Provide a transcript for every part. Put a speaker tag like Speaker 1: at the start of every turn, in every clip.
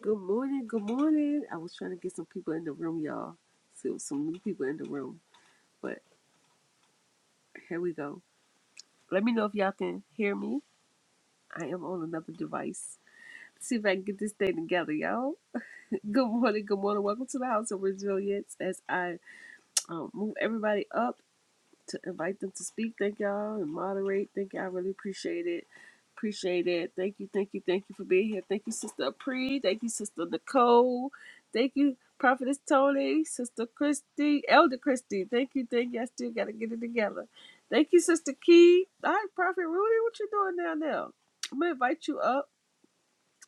Speaker 1: Good morning, good morning. I was trying to get some people in the room, y'all. So some new people in the room. But here we go. Let me know if y'all can hear me. I am on another device. See if I can get this thing together, y'all. Good morning, good morning. Welcome to the House of Resilience as I um, move everybody up. to invite them to speak. Thank y'all and moderate. Thank y'all. I really appreciate it. Appreciate it. Thank you, thank you, thank you for being here. Thank you, Sister Pre. Thank you, Sister Nicole. Thank you, Prophetess Tony, Sister Christy, Elder Christy. Thank you, thank you. I still gotta get it together. Thank you, Sister Key. All right, Prophet Rudy, what you doing down there? I'm gonna invite you up.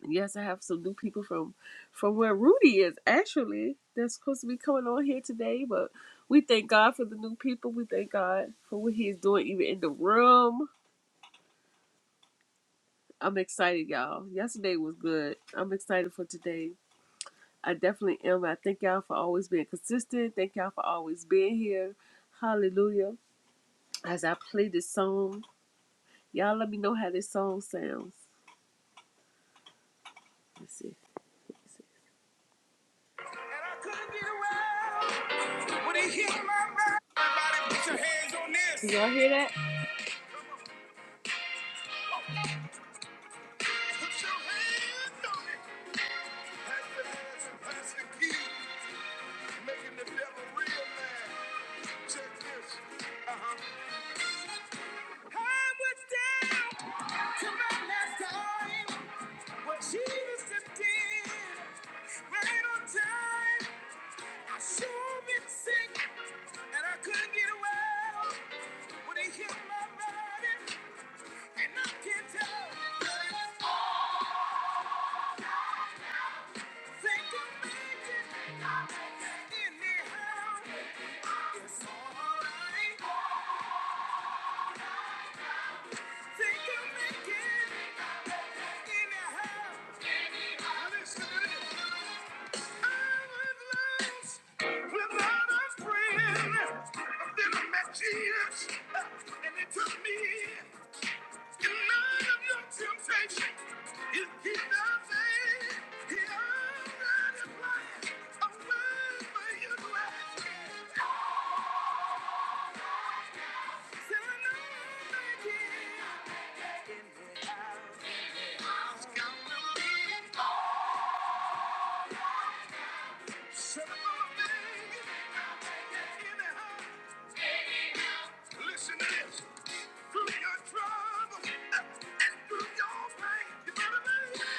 Speaker 1: Yes, I have some new people from from where Rudy is actually. They're supposed to be coming on here today, but we thank God for the new people. We thank God for what He is doing, even in the room. I'm excited, y'all. Yesterday was good. I'm excited for today. I definitely am. I thank y'all for always being consistent. Thank y'all for always being here. Hallelujah. As I play this song, y'all let me know how this song sounds. Let's see. Let's see. And I couldn't get around. What y'all hear that? Uh-huh. Right sure well. I without a friend. Then I met Jesus, and it took me. in. The night of your temptation is he doesn't. He already planned a way for you to ask. Say, "No, thank you." In the house, in the house, come to me. Listen to this. Through your trouble and through your pain, you better believe.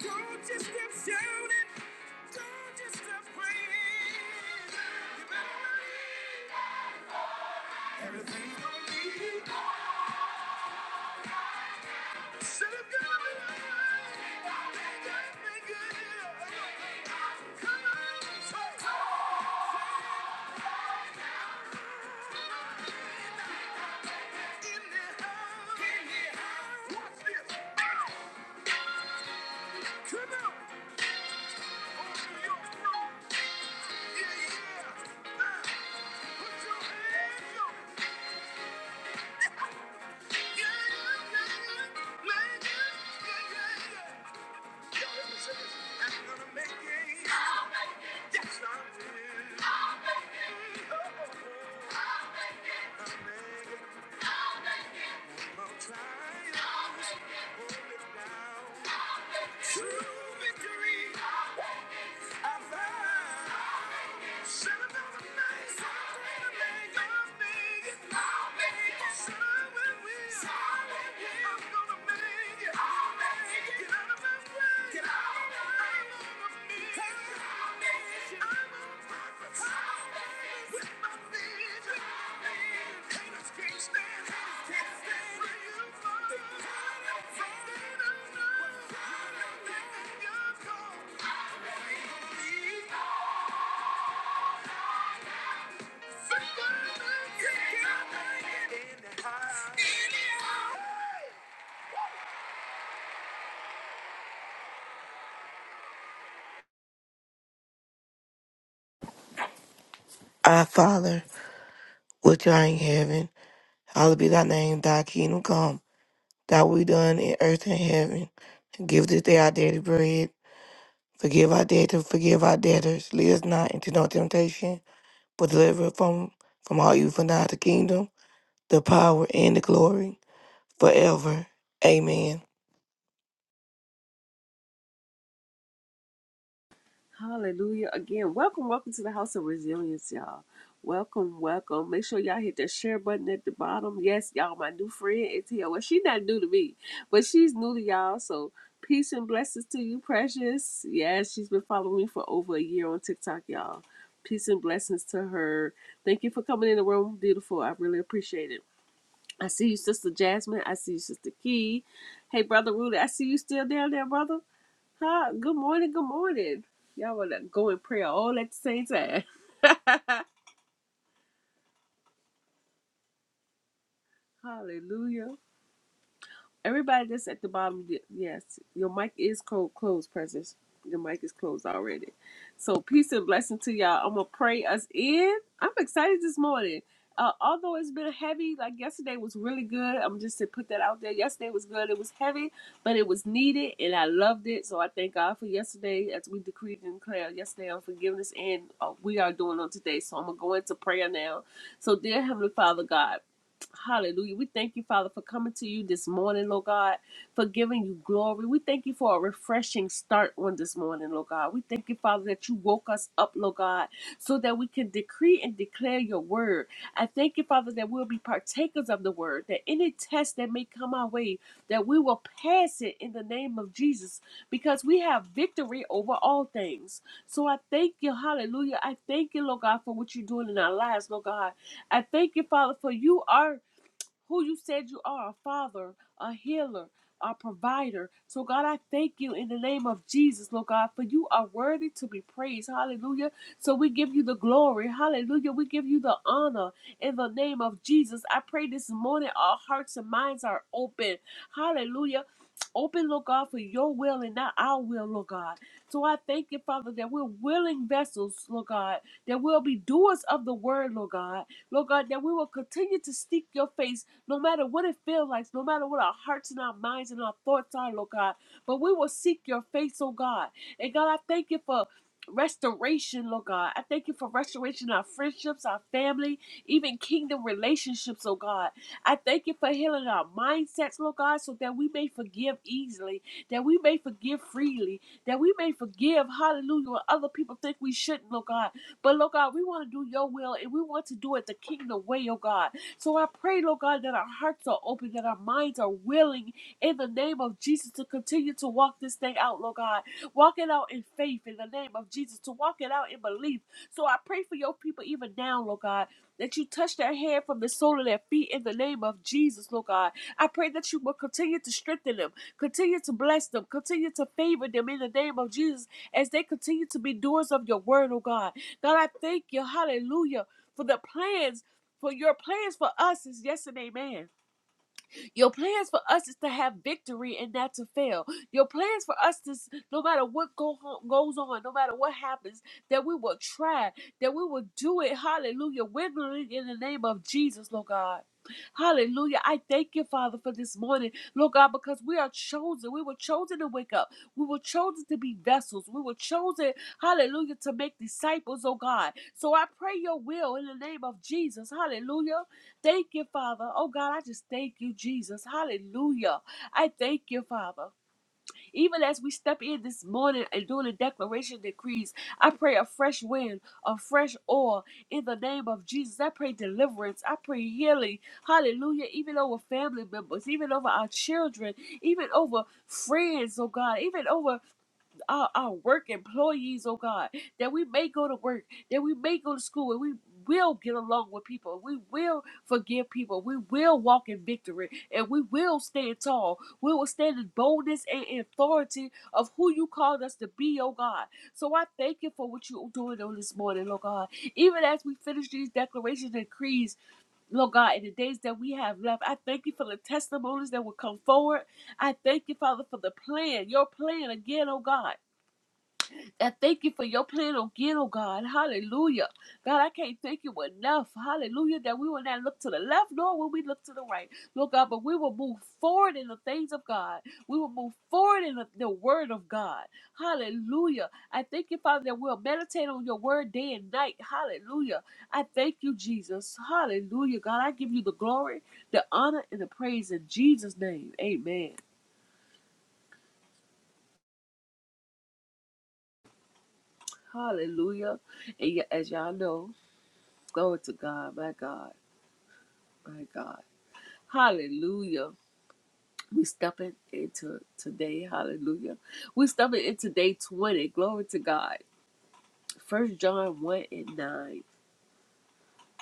Speaker 1: do just keep shouting. Don't just stop praying. You better believe. Everything's gonna be okay. Said it's gonna be alright. Make it, make it, yeah. Come on, say it. In the house. In the house. Watch this. Ah! Come on. Open your mouth. Yeah, yeah. Ah! Put your hands up. Yeah, yeah, yeah. Make it, yeah, yeah, yeah. True victory, I found. Son of a night, son of a man, God made it. I'll make it. Son will, will. Son will. I'm gonna make it. Freedom is in the house. In the house.
Speaker 2: Our Father, which art in heaven, hallowed be thy name, thy kingdom come, thy will be done in earth and heaven. Give this day our daily bread. Forgive our debt and forgive our debtors. Lead us not into no temptation, but deliver us from, from all evil. For thine is the kingdom, the power, and the glory, forever. Amen.
Speaker 1: Hallelujah. Again, welcome, welcome to the House of Resilience, y'all. Welcome, welcome. Make sure y'all hit that share button at the bottom. Yes, y'all, my new friend, ATL. Well, she's not new to me, but she's new to y'all. So peace and blessings to you, precious. Yes, she's been following me for over a year on TikTok, y'all. Peace and blessings to her. Thank you for coming in the room, beautiful. I really appreciate it. I see you, Sister Jasmine. I see you, Sister Key. Hey, Brother Rudy, I see you still down there, brother. Hi, good morning, good morning. Y'all want to go in prayer all at the same time. Hallelujah. Everybody that's at the bottom, y- yes, your mic is co- closed, presence. Your mic is closed already. So peace and blessing to y'all. I'm gonna pray us in. I'm excited this morning. Uh, although it's been heavy, like yesterday was really good. I'm just to put that out there. Yesterday was good. It was heavy, but it was needed, and I loved it. So I thank God for yesterday, as we decreed and declared yesterday on forgiveness, and uh, we are doing on today. So I'm gonna go into prayer now. So dear Heavenly Father God. Hallelujah. We thank you, Father, for coming to you this morning, Lord God, for giving you glory. We thank you for a refreshing start on this morning, Lord God. We thank you, Father, that you woke us up, Lord God, so that we can decree and declare your word. I thank you, Father, that we'll be partakers of the word, that any test that may come our way, that we will pass it in the name of Jesus, because we have victory over all things. So I thank you, hallelujah. I thank you, Lord God, for what you're doing in our lives, Lord God. I thank you, Father, for you are who you said you are a father, a healer, a provider. So, God, I thank you in the name of Jesus, Lord God, for you are worthy to be praised. Hallelujah. So, we give you the glory. Hallelujah. We give you the honor in the name of Jesus. I pray this morning our hearts and minds are open. Hallelujah. Open, Lord God, for your will and not our will, Lord God. So I thank you, Father, that we're willing vessels, Lord God, that we'll be doers of the word, Lord God. Lord God, that we will continue to seek your face no matter what it feels like, no matter what our hearts and our minds and our thoughts are, Lord God. But we will seek your face, oh God. And God, I thank you for restoration, Lord God. I thank you for restoration of our friendships, our family, even kingdom relationships, oh God. I thank you for healing our mindsets, Lord God, so that we may forgive easily, that we may forgive freely, that we may forgive, hallelujah, when other people think we shouldn't, Lord God. But Lord God, we want to do your will and we want to do it the kingdom way, oh God. So I pray, Lord God, that our hearts are open, that our minds are willing in the name of Jesus to continue to walk this thing out, Lord God. Walk it out in faith in the name of Jesus, to walk it out in belief. So I pray for your people even now, Lord God. That you touch their head from the sole of their feet in the name of Jesus, Lord God. I pray that you will continue to strengthen them, continue to bless them, continue to favor them in the name of Jesus as they continue to be doers of your word, oh God. God, I thank you, hallelujah, for the plans for your plans for us is yes and amen. Your plans for us is to have victory and not to fail. Your plans for us is no matter what go on, goes on, no matter what happens, that we will try, that we will do it. Hallelujah. Wiggling in the name of Jesus, Lord God. Hallelujah. I thank you, Father, for this morning, Lord God, because we are chosen. We were chosen to wake up. We were chosen to be vessels. We were chosen, hallelujah, to make disciples, oh God. So I pray your will in the name of Jesus. Hallelujah. Thank you, Father. Oh God, I just thank you, Jesus. Hallelujah. I thank you, Father. Even as we step in this morning and doing the declaration decrees, I pray a fresh wind, a fresh oil in the name of Jesus. I pray deliverance. I pray healing. Hallelujah. Even over family members, even over our children, even over friends, oh God, even over our, our work employees, oh God, that we may go to work, that we may go to school, and we will get along with people, we will forgive people, we will walk in victory, and we will stand tall. We will stand in boldness and authority of who you called us to be, oh God. So I thank you for what you're doing on this morning, oh God. Even as we finish these declarations and creeds, Lord God, in the days that we have left, I thank you for the testimonies that will come forward. I thank you, Father, for the plan, your plan again, oh God and thank you for your plan on get, oh God. Hallelujah. God, I can't thank you enough. Hallelujah. That we will not look to the left nor will we look to the right. Lord God, but we will move forward in the things of God. We will move forward in the, the word of God. Hallelujah. I thank you, Father, that we'll meditate on your word day and night. Hallelujah. I thank you, Jesus. Hallelujah. God, I give you the glory, the honor, and the praise in Jesus' name. Amen. Hallelujah. And y- as y'all know, glory to God, my God. My God. Hallelujah. We stepping into today. Hallelujah. We stepping into day 20. Glory to God. First John 1 and 9.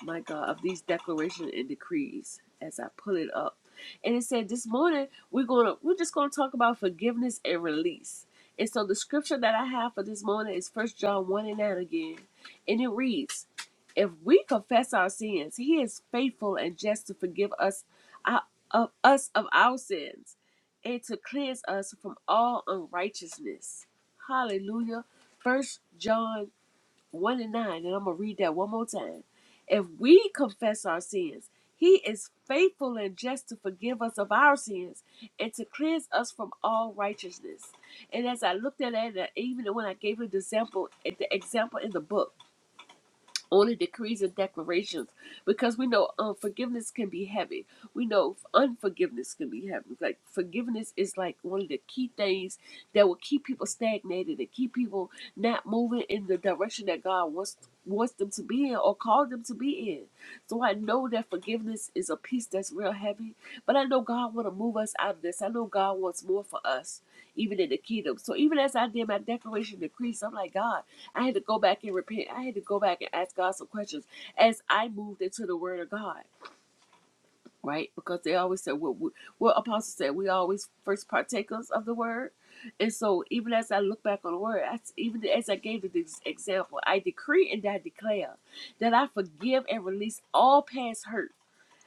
Speaker 1: my God, of these declaration and decrees as I pull it up. And it said this morning we're gonna we're just gonna talk about forgiveness and release. And so the scripture that I have for this morning is first John one and nine again. And it reads, If we confess our sins, he is faithful and just to forgive us our, of us of our sins and to cleanse us from all unrighteousness. Hallelujah. First John 1 and 9, and I'm going to read that one more time. If we confess our sins, he is faithful and just to forgive us of our sins and to cleanse us from all righteousness. And as I looked at it, even when I gave the example, the example in the book, only decrees and declarations because we know um, forgiveness can be heavy. We know unforgiveness can be heavy. Like forgiveness is like one of the key things that will keep people stagnated and keep people not moving in the direction that God wants wants them to be in or called them to be in. So I know that forgiveness is a piece that's real heavy, but I know God want to move us out of this. I know God wants more for us, even in the kingdom. So even as I did my declaration decrees, I'm like God. I had to go back and repent. I had to go back and ask God some questions as I moved into the Word of God, right? Because they always said what what, what Apostle said. We always first partakers of the Word, and so even as I look back on the Word, I, even as I gave this example, I decree and I declare that I forgive and release all past hurt.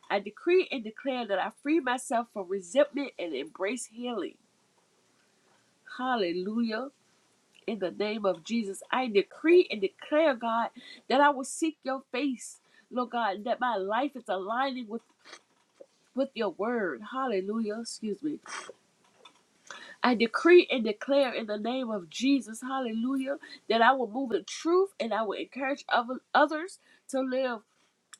Speaker 1: I decree and declare that I free myself from resentment and embrace healing. Hallelujah. in the name of Jesus. I decree and declare, God, that I will seek your face, Lord God, that my life is aligning with. With your word, hallelujah. Excuse me. I decree and declare in the name of Jesus, hallelujah, that I will move in truth and I will encourage other, others to live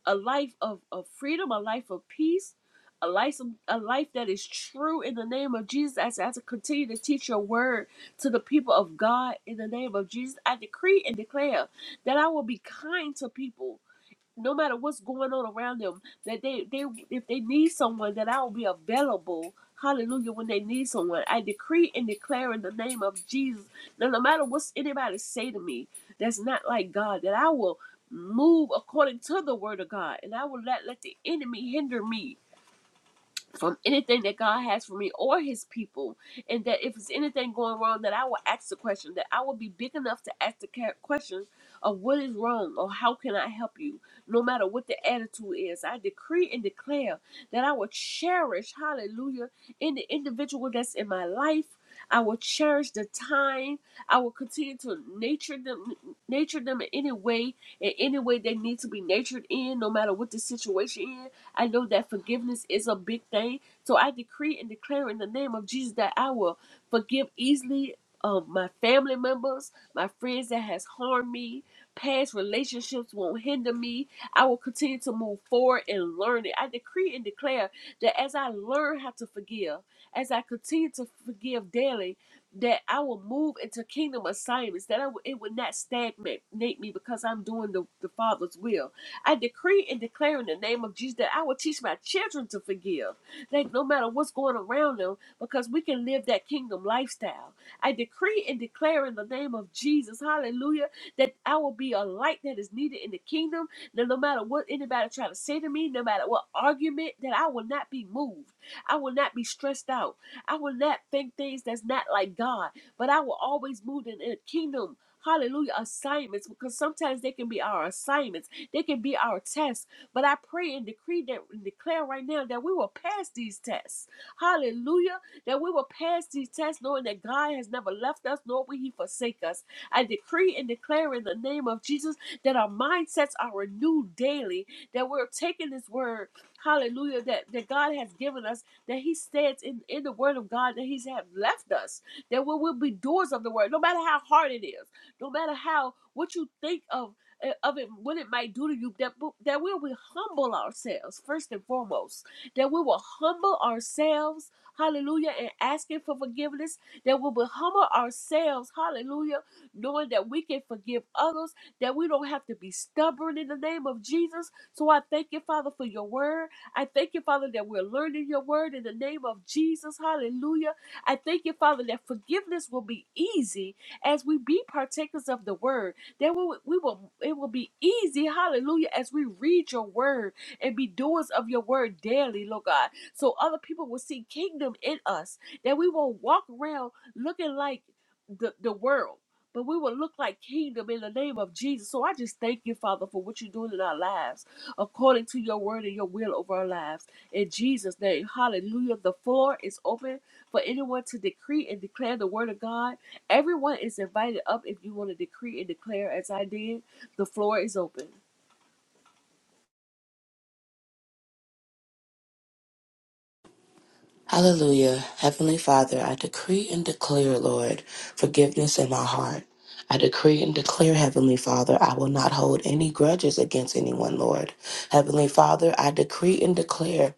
Speaker 1: a life of, of freedom, a life of peace, a life, a life that is true in the name of Jesus. As, as I continue to teach your word to the people of God in the name of Jesus, I decree and declare that I will be kind to people no matter what's going on around them, that they, they if they need someone, that I will be available. Hallelujah, when they need someone. I decree and declare in the name of Jesus that no matter what anybody say to me that's not like God, that I will move according to the word of God and I will not let the enemy hinder me from anything that God has for me or his people. And that if it's anything going wrong, that I will ask the question, that I will be big enough to ask the ca- question of what is wrong or how can I help you, no matter what the attitude is. I decree and declare that I will cherish, hallelujah, in the individual that's in my life. I will cherish the time. I will continue to nature them, nature them in any way, in any way they need to be natured in, no matter what the situation is I know that forgiveness is a big thing. So I decree and declare in the name of Jesus that I will forgive easily um, my family members, my friends that has harmed me. Past relationships won't hinder me. I will continue to move forward and learn it. I decree and declare that as I learn how to forgive, as I continue to forgive daily, that I will move into kingdom assignments, that I will, it will not stagnate me because I'm doing the, the Father's will I decree and declare in the name of Jesus that I will teach my children to forgive, like no matter what's going around them, because we can live that kingdom lifestyle. I decree and declare in the name of Jesus, hallelujah, that I will be a light that is needed in the kingdom, that no matter what anybody try to say to me, no matter what argument, that I will not be moved. I will not be stressed out. I will not think things that's not like God, but I will always move in a kingdom. Hallelujah, assignments, because sometimes they can be our assignments they can be our tests. But I pray and decree that and declare right now that we will pass these tests. Hallelujah. That we will pass these tests, knowing that God has never left us, nor will He forsake us. I decree and declare in the name of Jesus that our mindsets are renewed daily, that we're taking this word, hallelujah, that, that God has given us, that He stands in, in the word of God, that He's have left us, that we will be doers of the word, no matter how hard it is, no matter how what you think of uh, of it, what it might do to you, that that we will humble ourselves first and foremost, that we will humble ourselves, hallelujah, and asking for forgiveness, that we will humble ourselves, hallelujah, knowing that we can forgive others, that we don't have to be stubborn in the name of Jesus. So I thank you, Father, for your word. I thank you, Father, that we're learning your word in the name of Jesus, hallelujah. I thank you, Father, that forgiveness will be easy as we be partakers of the word that will we will it will be easy, hallelujah, as we read your word and be doers of your word daily, Lord God. So other people will see kingdom in us. That we will walk around looking like the, the world but we will look like kingdom in the name of Jesus. So I just thank you, Father, for what you're doing in our lives, according to your word and your will over our lives. In Jesus' name, hallelujah. The floor is open for anyone to decree and declare the word of God. Everyone is invited up if you want to decree and declare as I did. The floor is open.
Speaker 3: Hallelujah. Heavenly Father, I decree and declare, Lord, forgiveness in my heart. I decree and declare, Heavenly Father, I will not hold any grudges against anyone, Lord. Heavenly Father, I decree and declare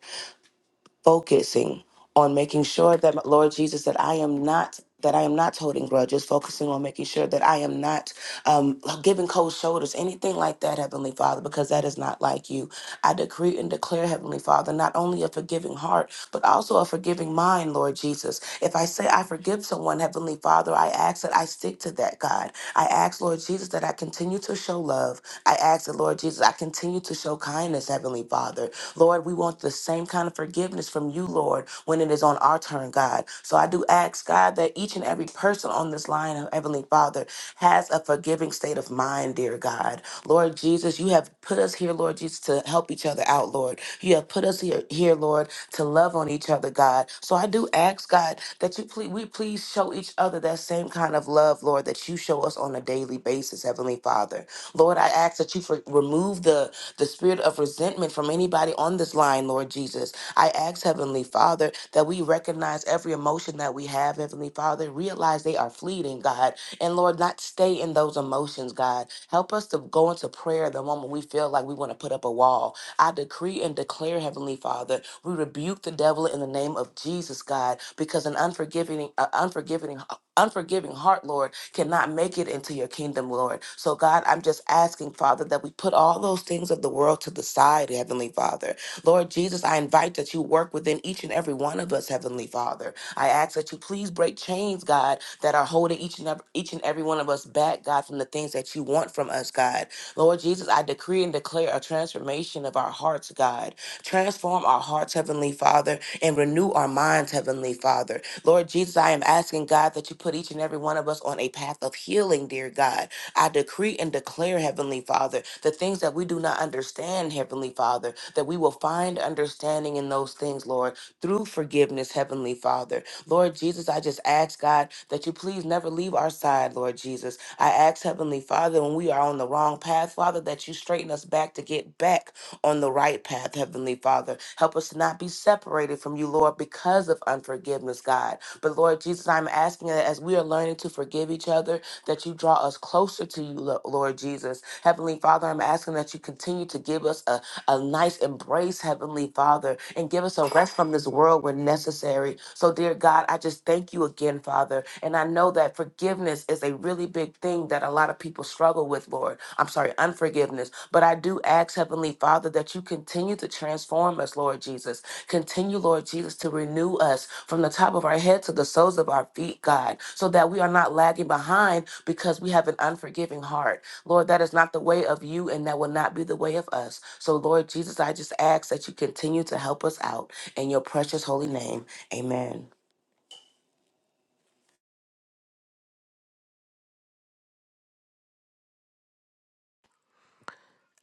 Speaker 3: focusing on making sure that Lord Jesus, that I am not that I am not holding grudges, focusing on making sure that I am not um, giving cold shoulders, anything like that, Heavenly Father, because that is not like you. I decree and declare, Heavenly Father, not only a forgiving heart, but also a forgiving mind, Lord Jesus. If I say I forgive someone, Heavenly Father, I ask that I stick to that, God. I ask, Lord Jesus, that I continue to show love. I ask that, Lord Jesus, I continue to show kindness, Heavenly Father. Lord, we want the same kind of forgiveness from you, Lord, when it is on our turn, God. So I do ask, God, that each and every person on this line, of Heavenly Father, has a forgiving state of mind, dear God. Lord Jesus, you have put us here, Lord Jesus, to help each other out, Lord. You have put us here, here, Lord, to love on each other, God. So I do ask, God, that you please, we please show each other that same kind of love, Lord, that you show us on a daily basis, Heavenly Father. Lord, I ask that you for, remove the the spirit of resentment from anybody on this line, Lord Jesus. I ask, Heavenly Father, that we recognize every emotion that we have, Heavenly Father, realize they are fleeting, God. And Lord, not stay in those emotions, God. Help us to go into prayer the moment we feel like we want to put up a wall. I decree and declare, Heavenly Father, we rebuke the devil in the name of Jesus, God, because an unforgiving, uh, unforgiving, unforgiving heart, Lord cannot make it into your kingdom, Lord. So, God, I'm just asking, Father, that we put all those things of the world to the side, Heavenly Father. Lord Jesus, I invite that you work within each and every one of us, Heavenly Father. I ask that you please break chains, God, that are holding each and every, each and every one of us back, God, from the things that you want from us, God. Lord Jesus, I decree and declare a transformation of our hearts, God. Transform our hearts, Heavenly Father, and renew our minds, Heavenly Father. Lord Jesus, I am asking God that you put each and every one of us on a path of healing, dear God. I decree and declare, Heavenly Father, the things that we do not understand, Heavenly Father, that we will find understanding in those things, Lord, through forgiveness, Heavenly Father. Lord Jesus, I just ask, God, that you please never leave our side, Lord Jesus. I ask, Heavenly Father, when we are on the wrong path, Father, that you straighten us back to get back on the right path, Heavenly Father. Help us to not be separated from you, Lord, because of unforgiveness, God. But Lord Jesus, I'm asking that as we are learning to forgive each other, that you draw us closer to you, Lo- Lord Jesus. Heavenly Father, I'm asking that you continue to give us a a nice embrace, Heavenly Father, and give us a rest from this world where necessary. So, dear God, I just thank you again, Father. And I know that forgiveness is a really big thing that a lot of people struggle with, Lord. I'm sorry, unforgiveness. But I do ask, Heavenly Father, that you continue to transform us, Lord Jesus. Continue, Lord Jesus, to renew us from the top of our head to the soles of our feet, God, so that we are not lagging behind because we have an unforgiving heart. Lord, that is not the way of you, and that will not be the way of us. So, Lord Jesus, I just ask that you continue to help us out in your precious holy name. Amen.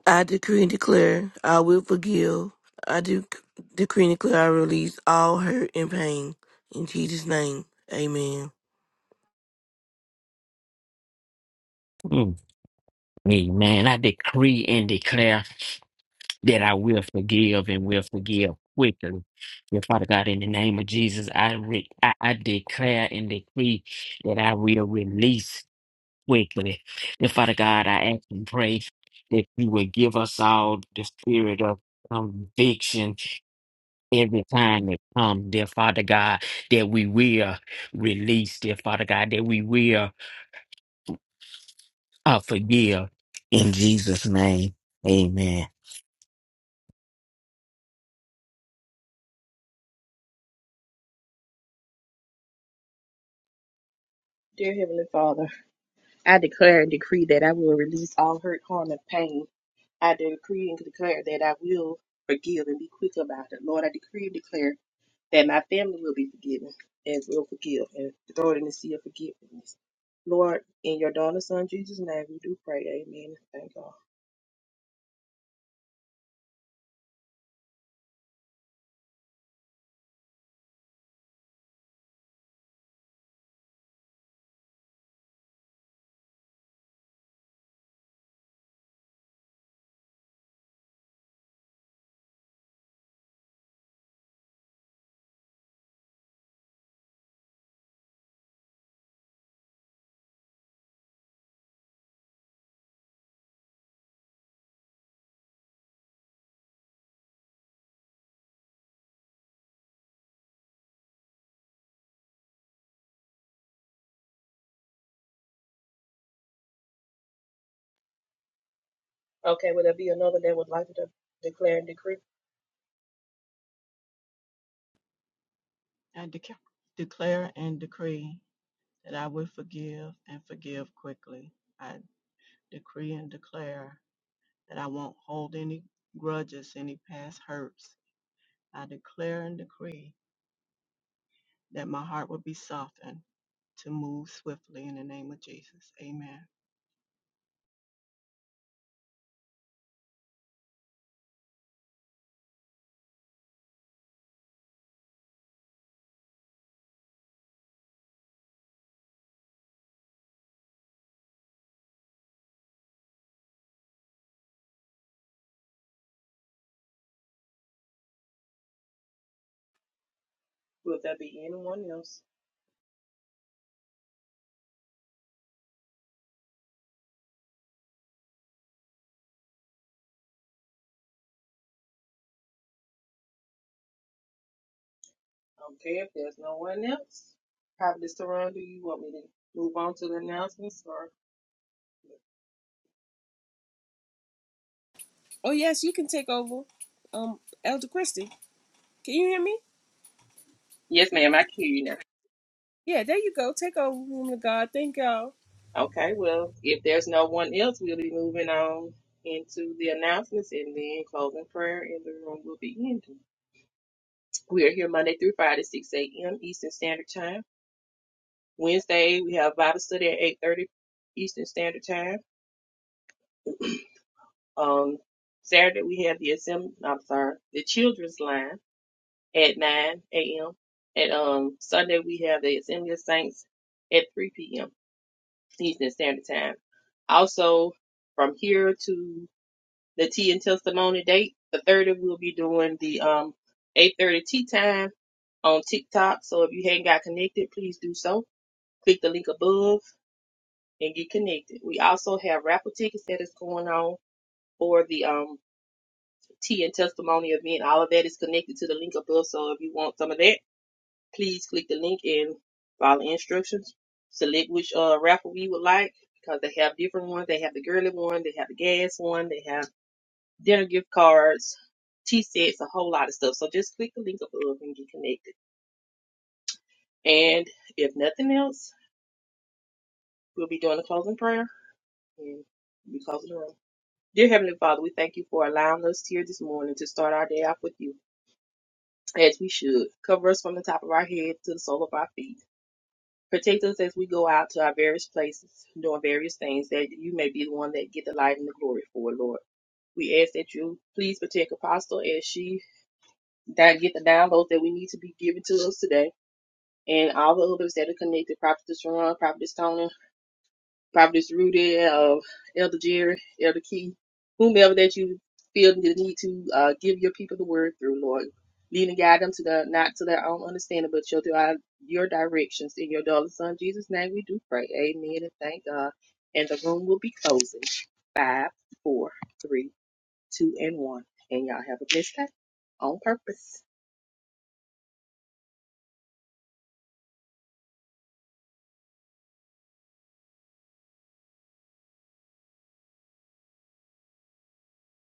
Speaker 2: I decree and declare I will forgive. I do decree and declare I release all hurt and pain. In Jesus' name, amen.
Speaker 4: Mm. Amen. I decree and declare that I will forgive and will forgive quickly. Dear Father God, in the name of Jesus, I, re- I I declare and decree that I will release quickly. Dear Father God, I ask and pray that you will give us all the spirit of conviction every time it comes, dear Father God, that we will release, dear Father God, that we will uh, forgive. In Jesus' name, amen.
Speaker 5: Dear Heavenly Father, I declare and decree that I will release all hurt, harm, and pain. I decree and declare that I will forgive and be quick about it. Lord, I decree and declare that my family will be forgiven and will forgive and throw it in the sea of forgiveness. Lord, in your daughter's son Jesus' name, we do pray. Amen. Thank God. Okay, will there be another that would like to declare and decree?
Speaker 6: I dec- declare and decree that I will forgive and forgive quickly. I decree and declare that I won't hold any grudges, any past hurts. I declare and decree that my heart will be softened to move swiftly in the name of Jesus. Amen.
Speaker 5: Will there be anyone else? Okay, if there's no one else, Prophet Saran, do you want me to move on to the announcements or?
Speaker 1: Oh, yes, you can take over. Um, Elder Christie, can you hear me?
Speaker 5: Yes, ma'am, I can hear you now.
Speaker 1: Yeah, there you go. Take over, woman of God. Thank y'all.
Speaker 5: Okay, well, if there's no one else, we'll be moving on into the announcements and then closing prayer, and the room will be ending. We are here Monday through Friday, 6 a.m. Eastern Standard Time. Wednesday, we have Bible study at 8.30 Eastern Standard Time. Um, Saturday, we have the assembly, I'm sorry, the children's line at 9 a.m. And um, Sunday, we have the Assembly of Saints at 3 p.m. Eastern Standard Time. Also, from here to the tea and testimony date, the 30th, we'll be doing the um 8:30 tea time on TikTok. So if you haven't got connected, please do so. Click the link above and get connected. We also have raffle tickets that is going on for the um tea and testimony event. All of that is connected to the link above. So if you want some of that Please click the link and follow the instructions. Select which uh, raffle you would like because they have different ones. They have the girly one, they have the gas one, they have dinner gift cards, tea sets, a whole lot of stuff. So just click the link above and get connected. And if nothing else, we'll be doing a closing prayer and we'll be closing the room. Dear Heavenly Father, we thank you for allowing us here this morning to start our day off with you as we should. Cover us from the top of our head to the sole of our feet. Protect us as we go out to our various places, doing various things, that you may be the one that get the light and the glory for it, Lord. We ask that you please protect Apostle as she that get the downloads that we need to be given to us today, and all the others that are connected, Prophet Sharon, Prophet Stone, Providence Rudy, uh, Elder Jerry, Elder Key, whomever that you feel the need to uh, give your people the word through, Lord. Lead and guide them to the not to their own understanding, but your di- your directions. In your darling son Jesus' name we do pray. Amen and thank God. And the room will be closing. Five, four, three, two, and one. And y'all have a blessed day on purpose.